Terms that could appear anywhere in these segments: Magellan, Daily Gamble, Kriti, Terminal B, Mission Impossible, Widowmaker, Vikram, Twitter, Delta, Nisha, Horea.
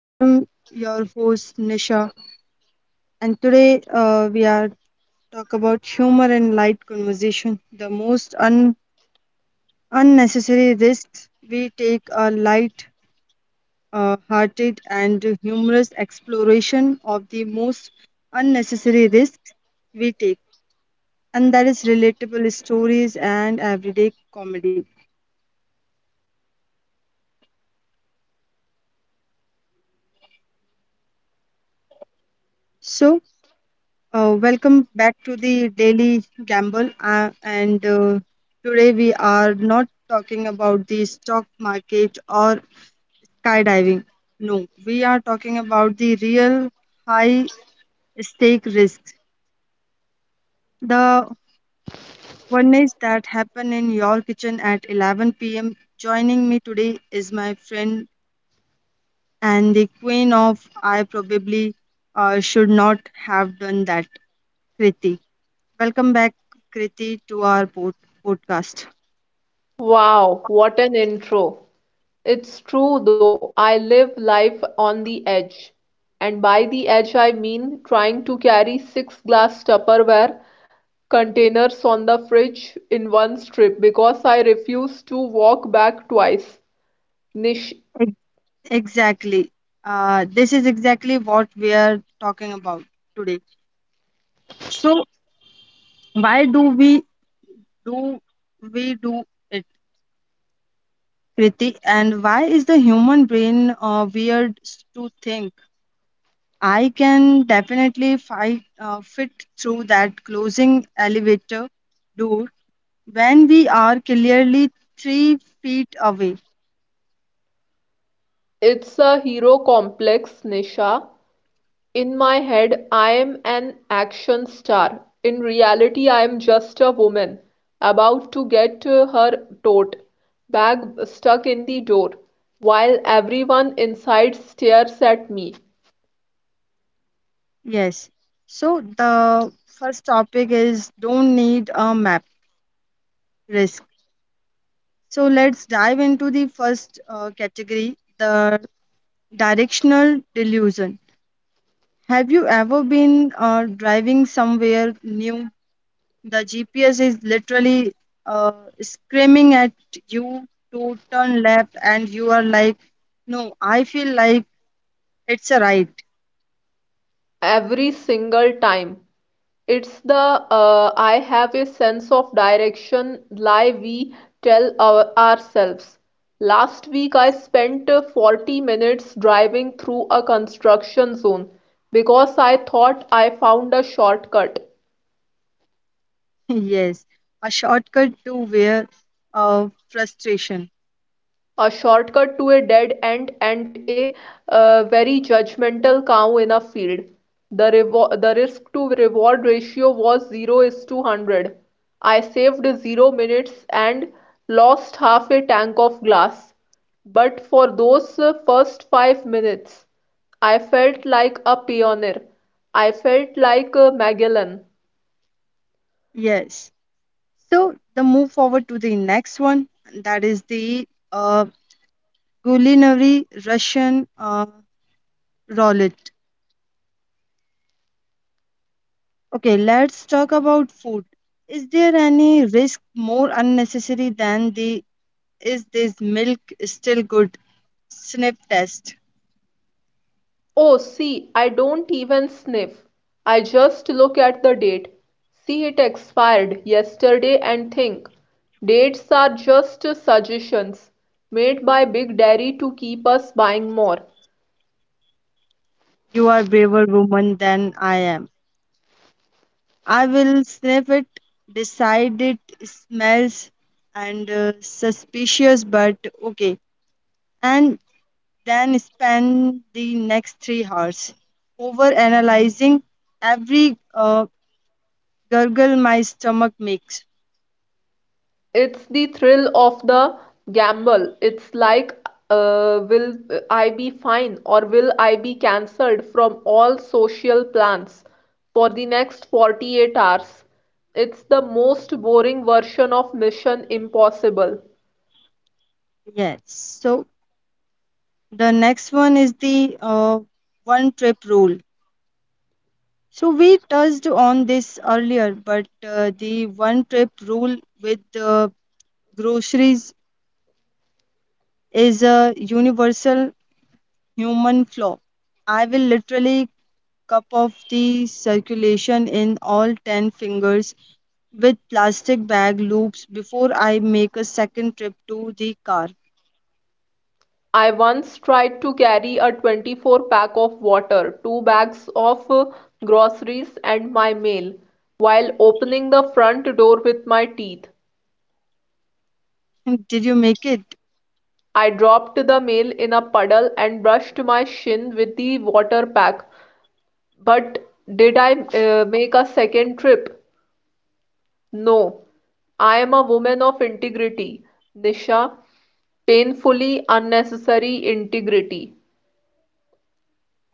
I am your host Nisha, and today we are talk about humor and light conversation, the most unnecessary risks we take are light hearted and humorous exploration of the most unnecessary risks we take, and that is relatable stories and everyday comedy. So, Welcome back to the Daily Gamble. And Today we are not talking about the stock market or skydiving. No, we are talking about the real high stake risks. The ones that happen in your kitchen at 11 pm. Joining me today is my friend and the queen of I probably should not have done that, Kriti. Welcome back, Kriti, to our podcast. Wow, what an intro. It's true though, I live life on the edge. And by the edge, I mean trying to carry six glass Tupperware containers on the fridge in one strip because I refuse to walk back twice. Nish, Ex- Exactly. This is exactly what we are talking about today. So, why do we do we do it, Kriti? And why is the human brain weird to think? I can definitely fit through that closing elevator door when we are clearly 3 feet away. it's a hero complex, Nisha. In my head I'm an action star, in reality I'm just a woman about to get her tote bag stuck in the door, while everyone inside stares at me Yes. So the first topic is don't need a map risk. So let's dive into the first category, the directional delusion. Have you ever been driving somewhere new? The GPS is literally uh, screaming at you to turn left, and you are like, no, I feel like it's a right. every single time. It's the I have a sense of direction lie we tell ourselves. Last week, I spent 40 minutes driving through a construction zone because I thought I found a shortcut. Yes, a shortcut to where, frustration. A shortcut to a dead end and a very judgmental cow in a field. The risk to reward ratio was 0 is to 100. I saved 0 minutes and lost half a tank of glass. But for those first 5 minutes, I felt like a pioneer. I felt like Magellan. Yes. So the move forward to the next one, that is the culinary Russian roulette. Okay, let's talk about food. Is there any risk more unnecessary than the is this milk still good sniff test? Oh, see, I don't even sniff. I just look at the date, see it expired yesterday, and think. Dates are just suggestions made by Big Daddy to keep us buying more. You are braver woman than I am. I will sniff it, decide it smells and suspicious but okay, and then spend the next 3 hours over analyzing every gurgle my stomach makes. It's the thrill of the gamble. It's like, will I be fine or will I be cancelled from all social plans for the next 48 hours? It's the most boring version of Mission Impossible. Yes. So the next one is the one trip rule. So we touched on this earlier, but the one trip rule with groceries is a universal human flaw. I will literally cup off the circulation in all 10 fingers with plastic bag loops before I make a second trip to the car. I once tried to carry a 24 pack of water, two bags of groceries, and my mail while opening the front door with my teeth. Did you make it? I dropped the mail in a puddle and brushed my shin with the water pack. But did I make a second trip? No. I am a woman of integrity, Nisha. Painfully unnecessary integrity.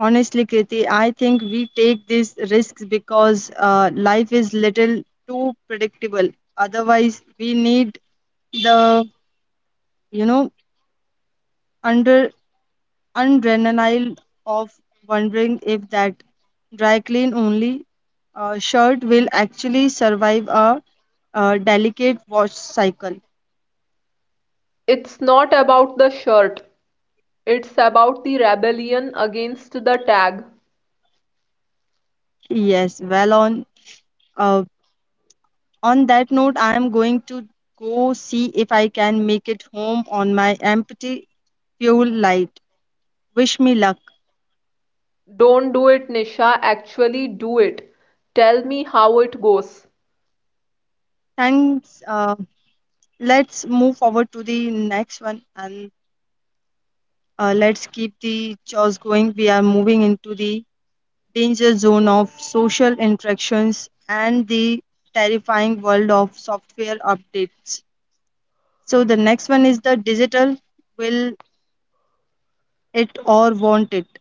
Honestly, Kriti, I think we take these risks because life is little too predictable. Otherwise, we need the you know under adrenaline of wondering if that dry clean only shirt will actually survive a, delicate wash cycle. It's not about the shirt, it's about the rebellion against the tag. Yes, well uh, on that note, I am going to go see if I can make it home on my empty fuel light. Wish me luck. Don't do it, Nisha. Actually, do it. Tell me how it goes. Thanks. Let's move forward to the next one and let's keep the chores going. We are moving into the danger zone of social interactions and the terrifying world of software updates. So, the next one is the digital will it or won't it?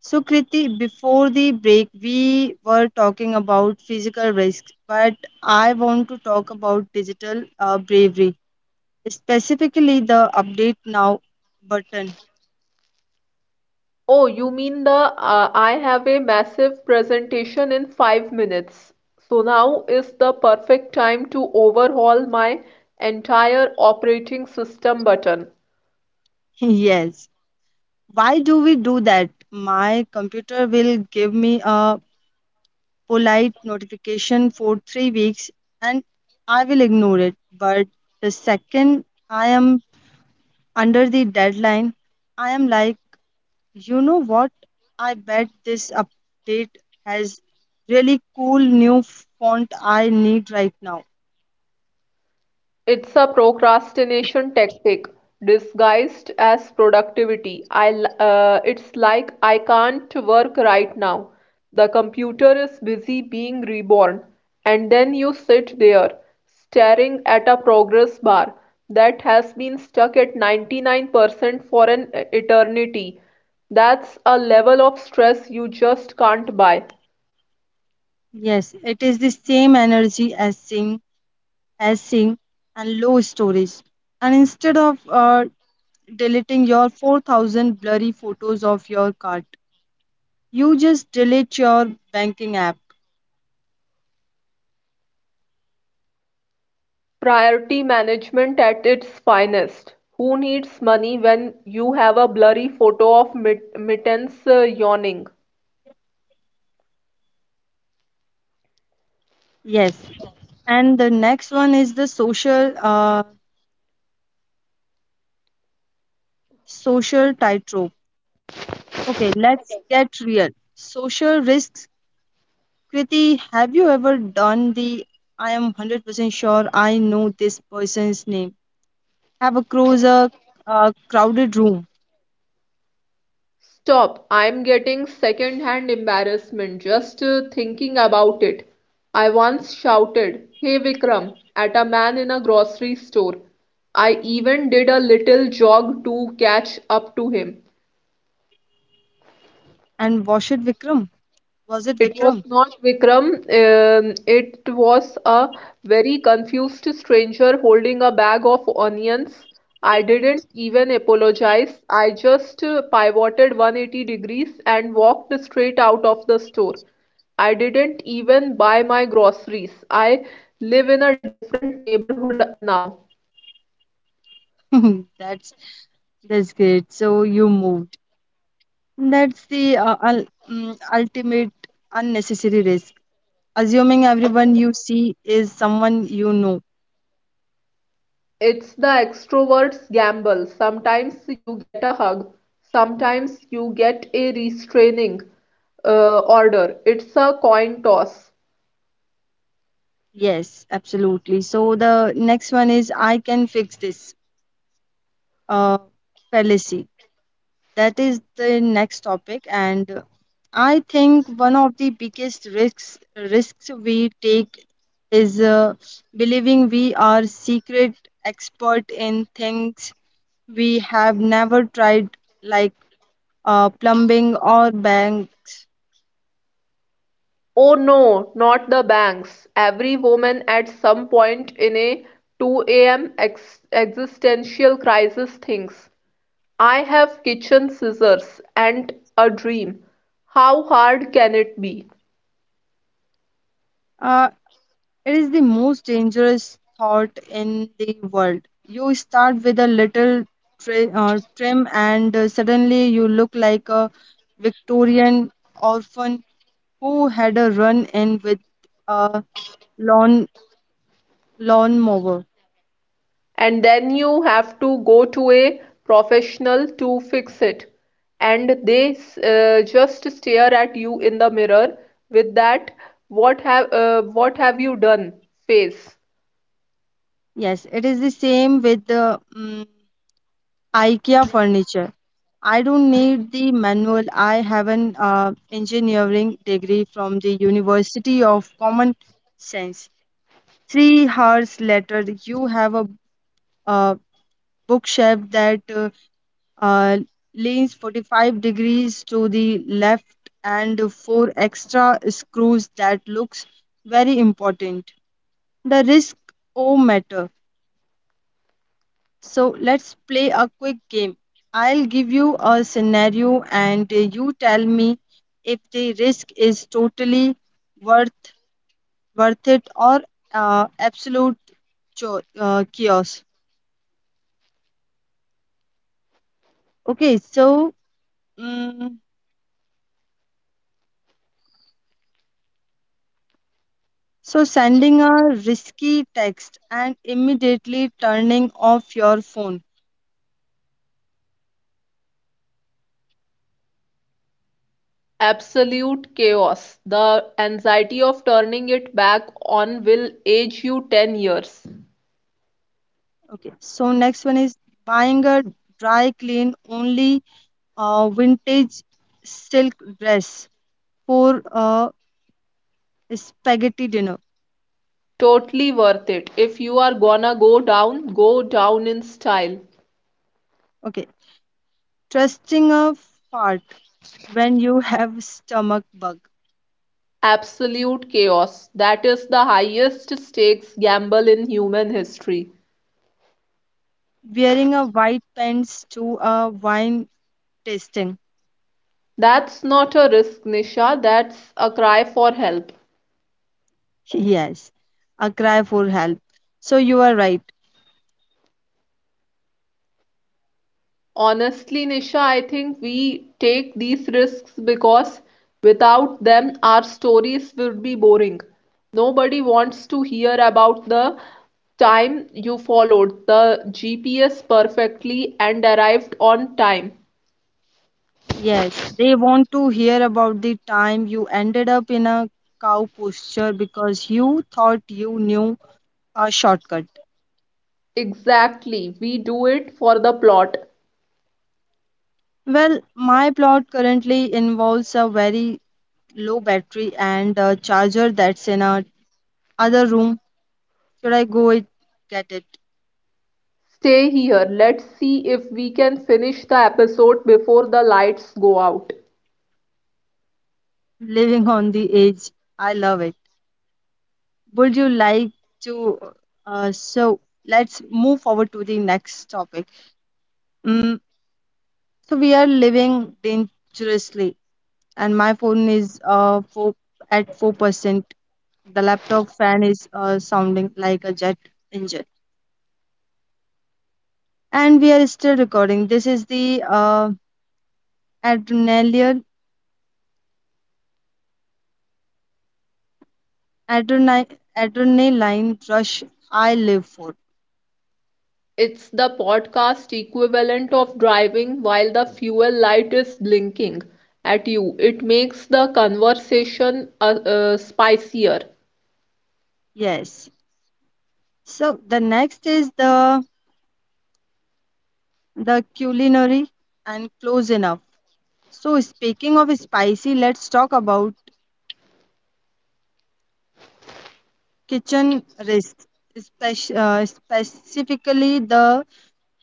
So, Kriti, before the break, we were talking about physical risks, but I want to talk about digital bravery specifically the update now button. Oh, you mean the I have a massive presentation in 5 minutes. So now is the perfect time to overhaul my entire operating system button. Yes. Why do we do that? My computer will give me a polite notification for 3 weeks and I will ignore it. But the second I am under the deadline, I am like, you know what? I bet this update has really cool new font I need right now. It's a procrastination tactic disguised as productivity. It's like I can't work right now. The computer is busy being reborn. And then you sit there, staring at a progress bar that has been stuck at 99% for an eternity. That's a level of stress you just can't buy. Yes, it is the same energy as seeing hashing, and low storage. And instead of deleting your 4,000 blurry photos of your cart, you just delete your banking app. Priority management at its finest: who needs money when you have a blurry photo of Mittens yawning? Yes. And the next one is the social tightrope. Okay, let's get real. Social risks. Kriti, have you ever done the I am 100% sure I know this person's name? Have a cruiser, a crowded room Stop, I'm getting second hand embarrassment just thinking about it. I once shouted, "Hey Vikram," at a man in a grocery store. I even did a little jog to catch up to him. and wash it Vikram? Was it It was Vikram? not Vikram. It was a very confused stranger holding a bag of onions. I didn't even apologize. I just pivoted 180 degrees and walked straight out of the store. I didn't even buy my groceries. I live in a different neighborhood now. that's that's great. So you moved. That's the ultimate unnecessary risk. Assuming everyone you see is someone you know. It's the extrovert's gamble. Sometimes you get a hug, sometimes you get a restraining order. It's a coin toss. Yes, absolutely. So the next one is I can fix this uh, fallacy. That is the next topic, and I think one of the biggest risks we take is believing we are secret expert in things we have never tried, like plumbing or banks. Oh no, not the banks. Every woman at some point in a 2 a.m. Ex existential crisis thinks, I have kitchen scissors and a dream. How hard can it be? Uh, it is the most dangerous thought in the world. You start with a little trim, and suddenly you look like a Victorian orphan who had a run in with a lawn lawn mower. And then you have to go to a professional to fix it and they just stare at you in the mirror with that what have you done face. Yes, it is the same with the IKEA furniture. I don't need the manual. I have an engineering degree from the University of Common Sense. 3 hours later, you have a, uh bookshelf that uh, leans 45 degrees to the left and four extra screws that looks very important. The risk o matter. So let's play a quick game. I'll give you a scenario and you tell me if the risk is totally worth worth it or absolute chaos. Okay, so mm so sending a risky text and immediately turning off your phone. Absolute chaos, the anxiety of turning it back on will age you 10 years. Okay, so next one is buying a dry clean only vintage silk dress for a spaghetti dinner. Totally worth it, if you are gonna go down, go down in style. Okay. Trusting a fart when you have stomach bug. Absolute chaos. That is the highest stakes gamble in human history. Wearing a white pants to a wine tasting. That's not a risk, Nisha. That's a cry for help. Yes. A cry for help. So you are right. Honestly, Nisha, I think we take these risks because without them, our stories would be boring. Nobody wants to hear about the time you followed the GPS perfectly and arrived on time. Yes. They want to hear about the time you ended up in a cow posture because you thought you knew a shortcut. Exactly. We do it for the plot. Well, my plot currently involves a very low battery and a charger that's in a other room. Should I get it? Stay here, let's see if we can finish the episode before the lights go out. Living on the edge. I love it. Would you like to? So let's move forward to the next topic. Mm, so we are living dangerously, and my phone is 4%. The laptop fan is sounding like a jet engine, and we are still recording. This is the uh adrenaline adrenaline adrenaline rush I live for. It's the podcast equivalent of driving while the fuel light is blinking at you. It makes the conversation spicier. Yes. So the next is the culinary and close enough. So speaking of spicy, let's talk about kitchen risks, specifically the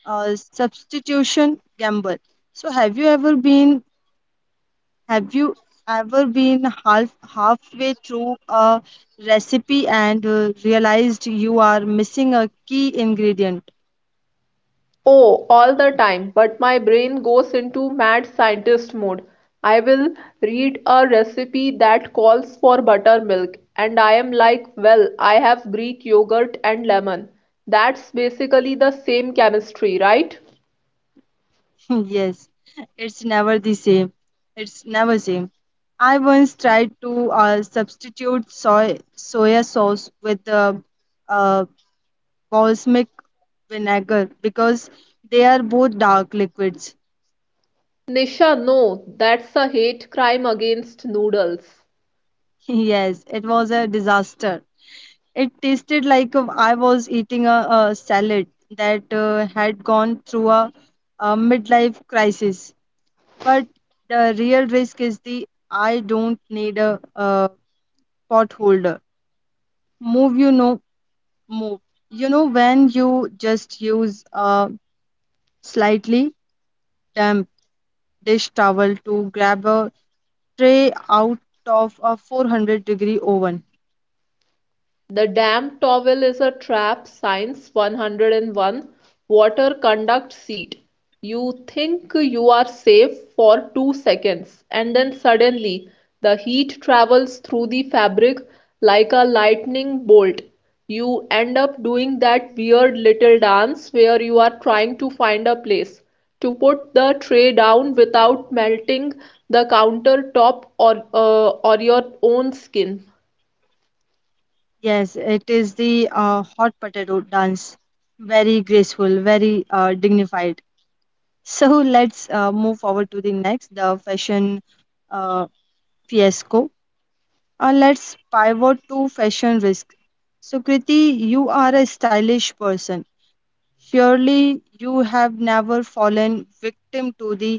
substitution gamble. So have you ever been halfway through a recipe and realized you are missing a key ingredient? Oh, all the time, but my brain goes into mad scientist mode. I will read a recipe that calls for buttermilk, and I am like, well, I have Greek yogurt and lemon. That's basically the same chemistry, right? Yes, it's never the same. It's never same. I once tried to substitute soya sauce with the uh, balsamic vinegar because they are both dark liquids. Nisha, no, that's a hate crime against noodles. Yes, it was a disaster. It tasted like I was eating a salad that had gone through a midlife crisis. But the real risk is the I don't need a pot move you know move you know when you just use a slightly damp dish towel to grab a tray out of a 400-degree oven. The damp towel is a trap. Science 101, water conduct seat. You think you are safe for 2 seconds and then suddenly the heat travels through the fabric like a lightning bolt. You end up doing that weird little dance where you are trying to find a place to put the tray down without melting the countertop or your own skin. Yes, it is the hot potato dance, very graceful, very dignified. So let's move forward to the next, the fashion uh, fiasco. Let's pivot to fashion risk. So Kriti, you are a stylish person. Surely you have never fallen victim to the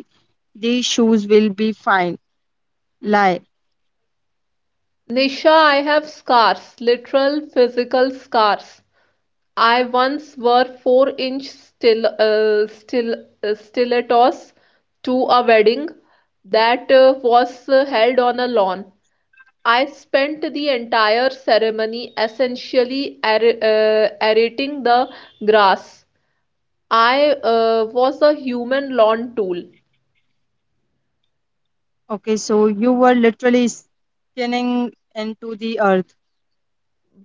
these shoes will be fine lie. Nisha, I have scars, literal physical scars. I once wore four-inch stilettos to a wedding that was held on a lawn. I spent the entire ceremony essentially ar aerating the grass. I was a human lawn tool. Okay, so you were literally skinning into the earth.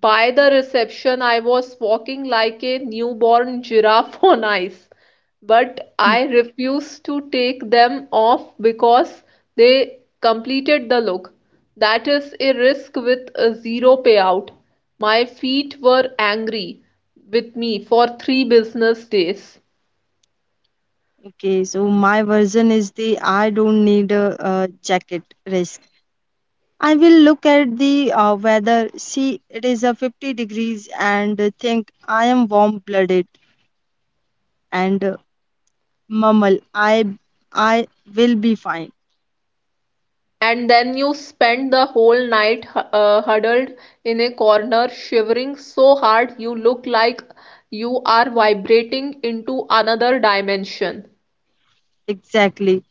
By the reception, I was walking like a newborn giraffe on ice, but Hmm. I refused to take them off because they completed the look. That is a risk with a zero payout. My feet were angry with me for three business days. Okay, so my version is the I don't need a jacket risk. I will look at the weather, see it is a 50 degrees and think I am warm blooded and mumble I will be fine. And then you spend the whole night huddled in a corner, shivering so hard you look like you are vibrating into another dimension. Exactly.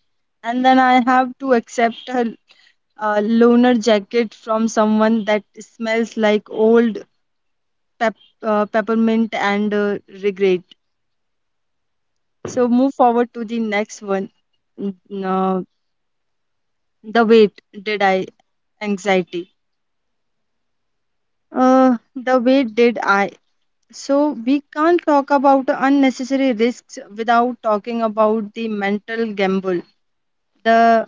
And then I have to accept a loner jacket from someone that smells like pep, peppermint and regret. So move forward to the next one. N- the weight did I anxiety. The weight did I. So we can't talk about unnecessary risks without talking about the mental gamble. The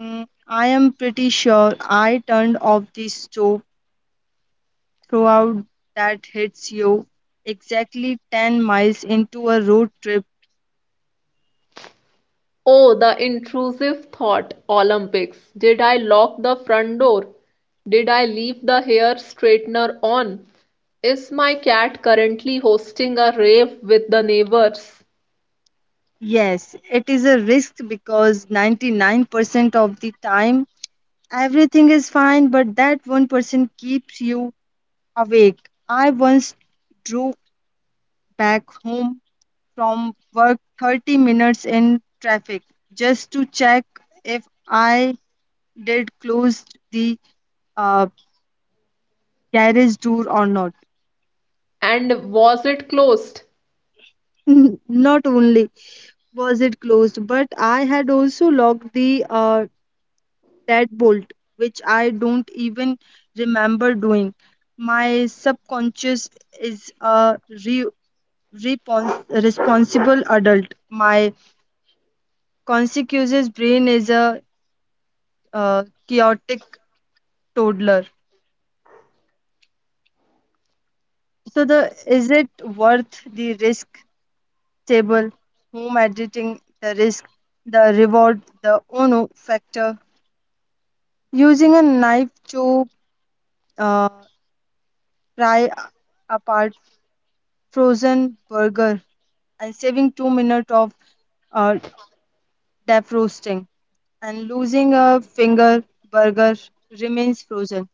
I am pretty sure I turned off the stove throughout that hits you exactly 10 miles into a road trip. Oh, the intrusive thought Olympics. Did I lock the front door? Did I leave the hair straightener on? Is my cat currently hosting a rave with the neighbors? Yes, it is a risk because 99% of the time everything is fine, but that 1% keeps you awake. I once drove back home from work 30 minutes in traffic just to check if I did close the uh, garage door or not. And was it closed? Not only was it closed, but I had also locked the deadbolt, which I don't even remember doing. My subconscious is a re- responsible adult. My conscious brain is a chaotic toddler. So the is it worth the risk? Table home editing, the risk, the reward, the ono factor. Using a knife to uh. fry apart frozen burger and saving 2 minutes of uh, defrosting and losing a finger burger remains frozen,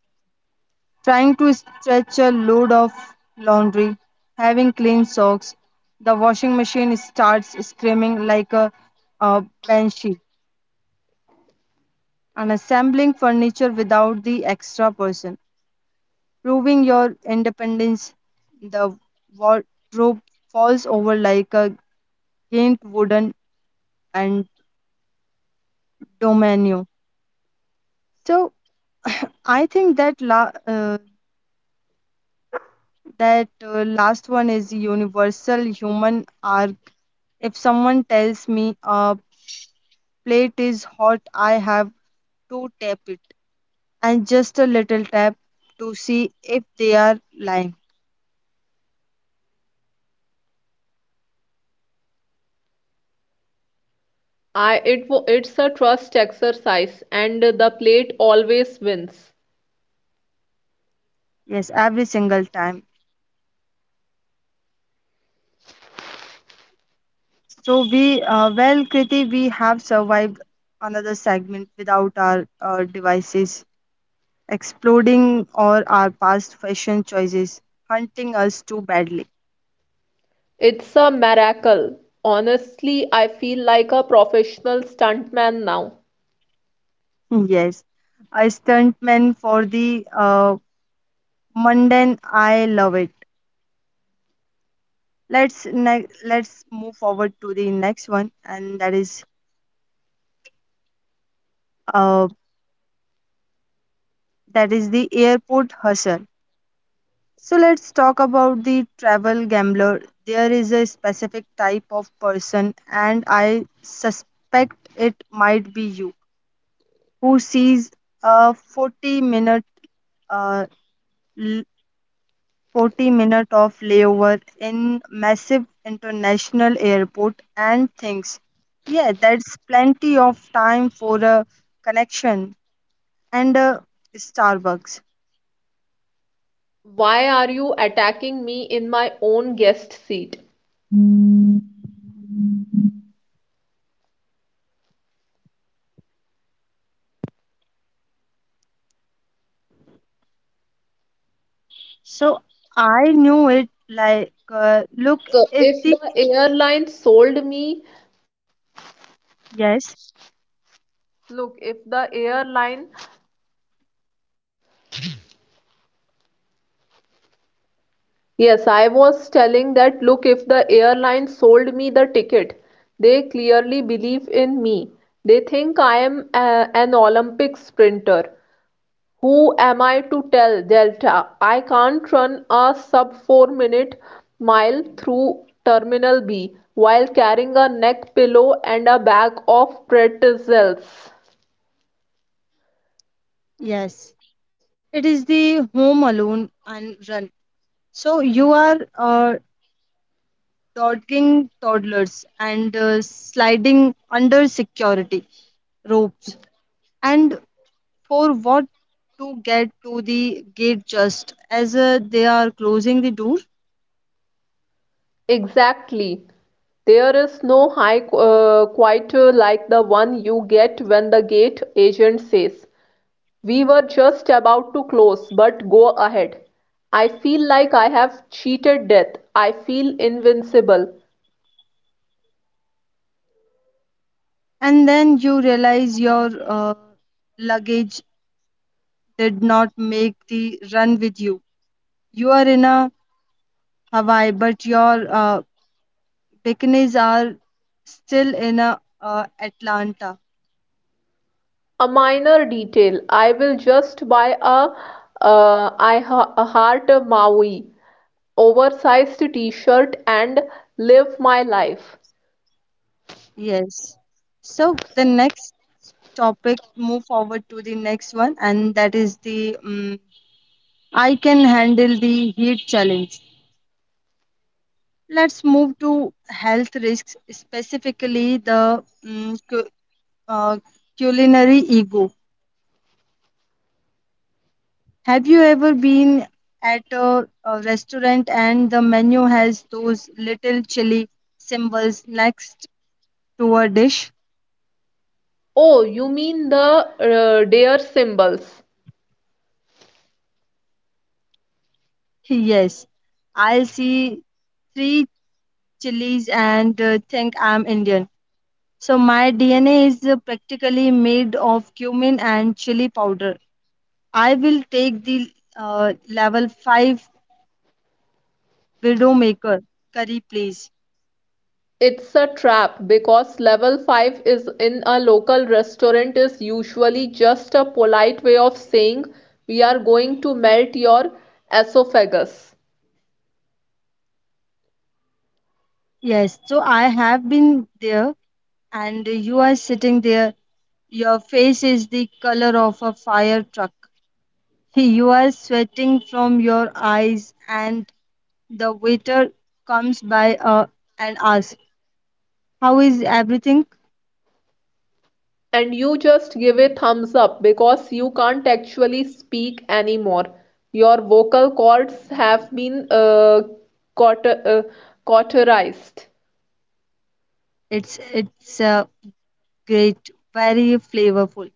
trying to stretch a load of laundry, having clean socks, the washing machine starts screaming like a banshee, and assembling furniture without the extra person, proving your independence, the wardrobe falls over like a giant wooden and Domenio. So I think that last one is universal human arc. If someone tells me a plate is hot, I have to tap it and just a little tap to see if they are lying. It's a trust exercise and the plate always wins. Yes, every single time. So we, Kriti, we have survived another segment without our devices exploding or our past fashion choices hunting us too badly. It's a miracle. Honestly, I feel like a professional stuntman now. Yes, a stuntman for the mundane. I love it. Let's move forward to the next one, and uh, that is the airport hustle. So let's talk about the travel gambler. There is a specific type of person, and I suspect it might be you, who sees a 40 minute uh, l- 40 minute of layover in massive international airport and things. Yeah, that's plenty of time for a connection and a Starbucks. Why are you attacking me in my own guest seat? I knew it like, look, Look, if if the, the— yes, They clearly believe in me, they think I am a, an Olympic sprinter. Who am I to tell Delta I can't run a sub 4-minute mile through Terminal B while carrying a neck pillow and a bag of pretzels? yes, it is the home alone and run. So you are dodging toddlers and sliding under security ropes. And for what, to get to the gate just as they are closing the door? Exactly. There is no high quite like the one you get when the gate agent says, "We were just about to close, but go ahead." I feel like I have cheated death. I feel invincible. And then you realize your luggage did not make the run with you. You are in a Hawaii, but your Picanies are still in Atlanta. A minor detail. I will just buy a, a heart Maui oversized t-shirt and live my life. Yes. So the next topic, move forward to the next one, and that is the I can handle the heat challenge. Let's move to health risks, specifically the um, cu- uh, culinary ego. Have you ever been at a restaurant and the menu has those little chili symbols next to a dish? Oh, you mean the dare symbols? Yes, I'll see three chilies and think I'm Indian. So my DNA is practically made of cumin and chili powder. I will take the level 5 Widowmaker curry, please. It's a trap because level five is in a local restaurant is usually just a polite way of saying we are going to melt your esophagus. Yes, so I have been there and you are sitting there. Your face is the color of a fire truck. You are sweating from your eyes and the waiter comes by and asks, how is everything? And you just give a thumbs up because you can't actually speak anymore. Your vocal cords have been cauter- uh, cauterized. It's great, very flavorful.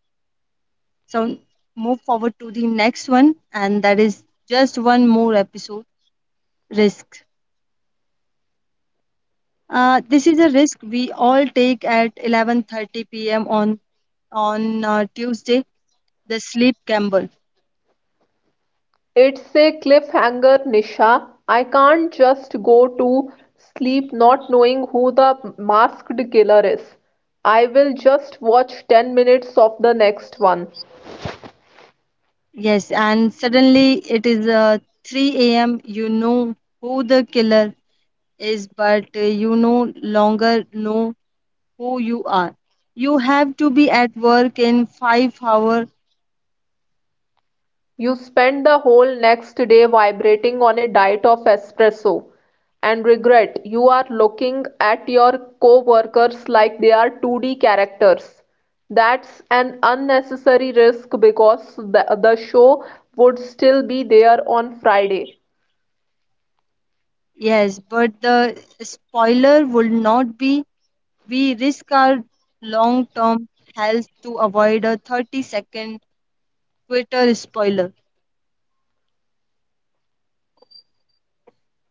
So move forward to the next one, and that is just one more episode. Risk. This is a risk we all take at 11:30 p.m. on on Tuesday, the sleep gamble. It's a cliffhanger, Nisha. I can't just go to sleep not knowing who the masked killer is. I will just watch 10 minutes of the next one. Yes, and suddenly it is 3 a.m. You know who the killer is, but you no longer know who you are. You have to be at work in 5 hours, You spend the whole next day vibrating on a diet of espresso and regret. You are looking at your co-workers like they are 2D characters. That's an unnecessary risk because the show would still be there on Friday. yes, but the spoiler will not be. We risk our long term health to avoid a 30-second Twitter spoiler.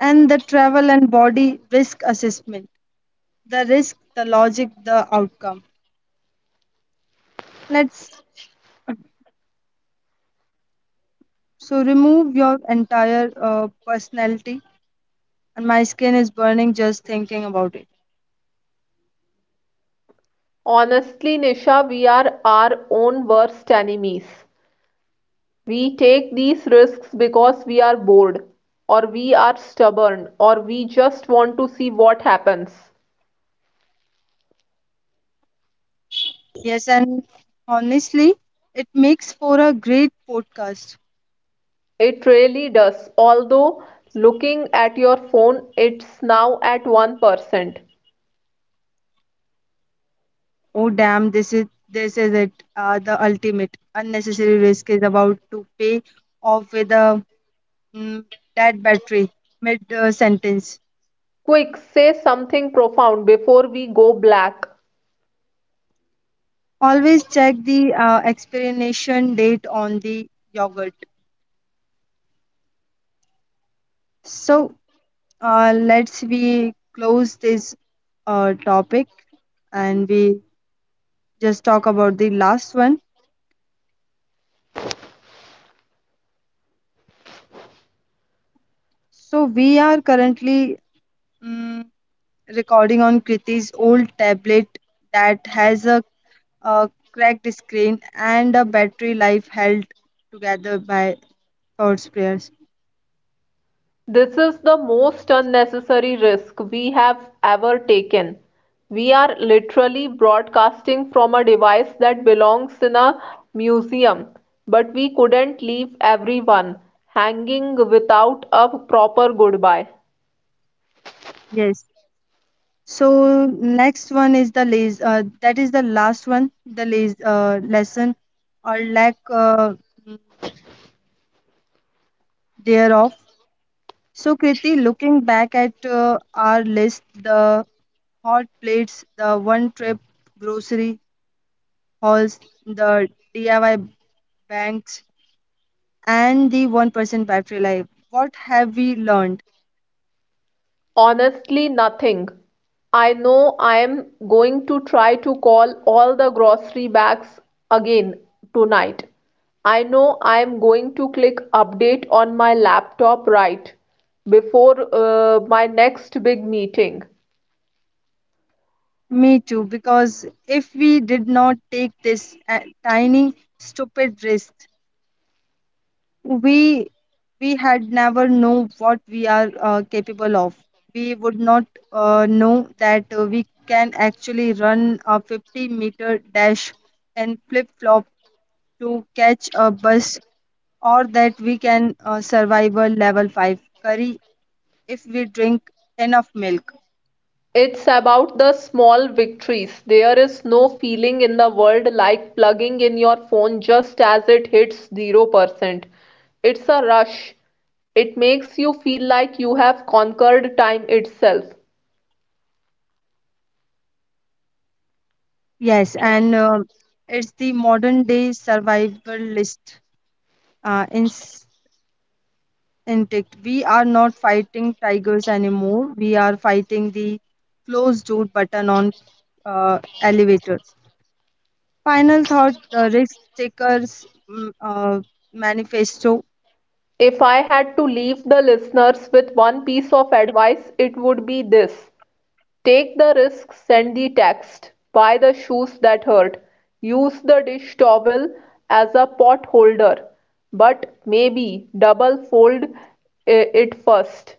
And the travel and body risk assessment, the risk, the logic, the outcome. Let's so remove your entire personality, and my skin is burning just thinking about it. Honestly, Nisha, we are our own worst enemies. We take these risks because we are bored, or we are stubborn, or we just want to see what happens. Yes, and honestly, it makes for a great podcast. It really does. Although, looking at your phone, it's now at 1%. Oh damn, this is it. The ultimate unnecessary risk is about to pay off with a mm, dead battery mid sentence. Quick, say something profound before we go black. Always check the expiration date on the yogurt. So let's we close this topic and we just talk about the last one. So we are currently mm recording on Kriti's old tablet that has a cracked screen and a battery life held together by thoughts, prayers. This is the most unnecessary risk we have ever taken. We are literally broadcasting from a device that belongs in a museum, but we couldn't leave everyone hanging without a proper goodbye. Yes. So next one is the les that is the last one, the lesson or lack mm, thereof. So Kriti, looking back at our list, the hot plates, the one trip grocery hauls, the DIY banks, and the 1% battery life. What have we learned? Honestly, nothing. I know I'm going to try to call all the grocery bags again tonight. I know I'm going to click update on my laptop right before my next big meeting. Me too, because if we did not take this tiny, stupid risk, we we had never know what we are capable of. We would not know that we can actually run a 50-meter dash and flip flop to catch a bus, or that we can survive a level 5 curry if we drink enough milk. It's about the small victories. There is no feeling in the world like plugging in your phone just as it hits 0%. It's a rush. It makes you feel like you have conquered time itself. Yes, and it's the modern day survivalist uh, ins- instinct. We are not fighting tigers anymore. We are fighting the closed door button on elevators. Final thought: the risk takers manifesto. If I had to leave the listeners with one piece of advice, it would be this. Take the risk, send the text, buy the shoes that hurt, use the dish towel as a pot holder, but maybe double fold it first.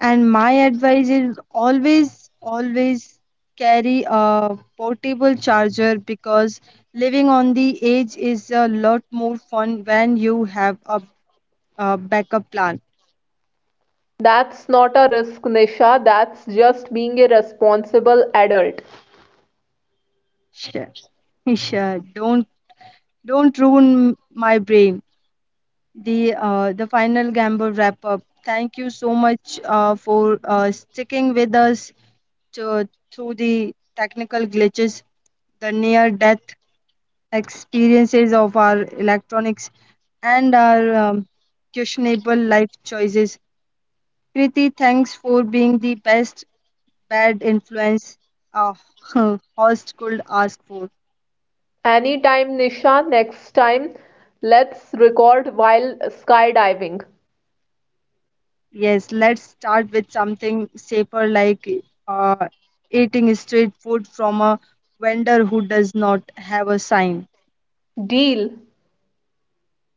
And my advice is always, always carry a portable charger because living on the edge is a lot more fun when you have a backup plan. That's not a risk, Nisha, that's just being a responsible adult. Sh- sh- don't don't ruin my brain. The final gamble wrap up. Thank you so much for sticking with us to, through the technical glitches, the near death experiences of our electronics, and our questionable life choices. Kriti, thanks for being the best bad influence a host could ask for. Anytime, Nisha, next time, let's record while skydiving. Yes, let's start with something safer like uh, eating street food from a vendor who does not have a sign. Deal.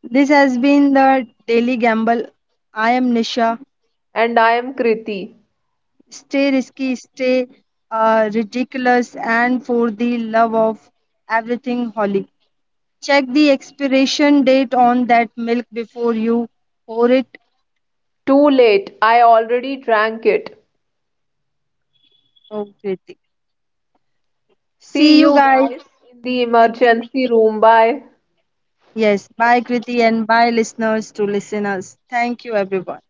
This has been the Daily Gamble. I am Nisha. And I am Kriti. Stay risky, stay ridiculous, and for the love of everything holy, check the expiration date on that milk before you pour it Too late, I already drank it. over. It. See See you you guys guys in the in the, emergency room. Bye. yes, bye Kriti and bye listeners to listeners. Thank you everyone.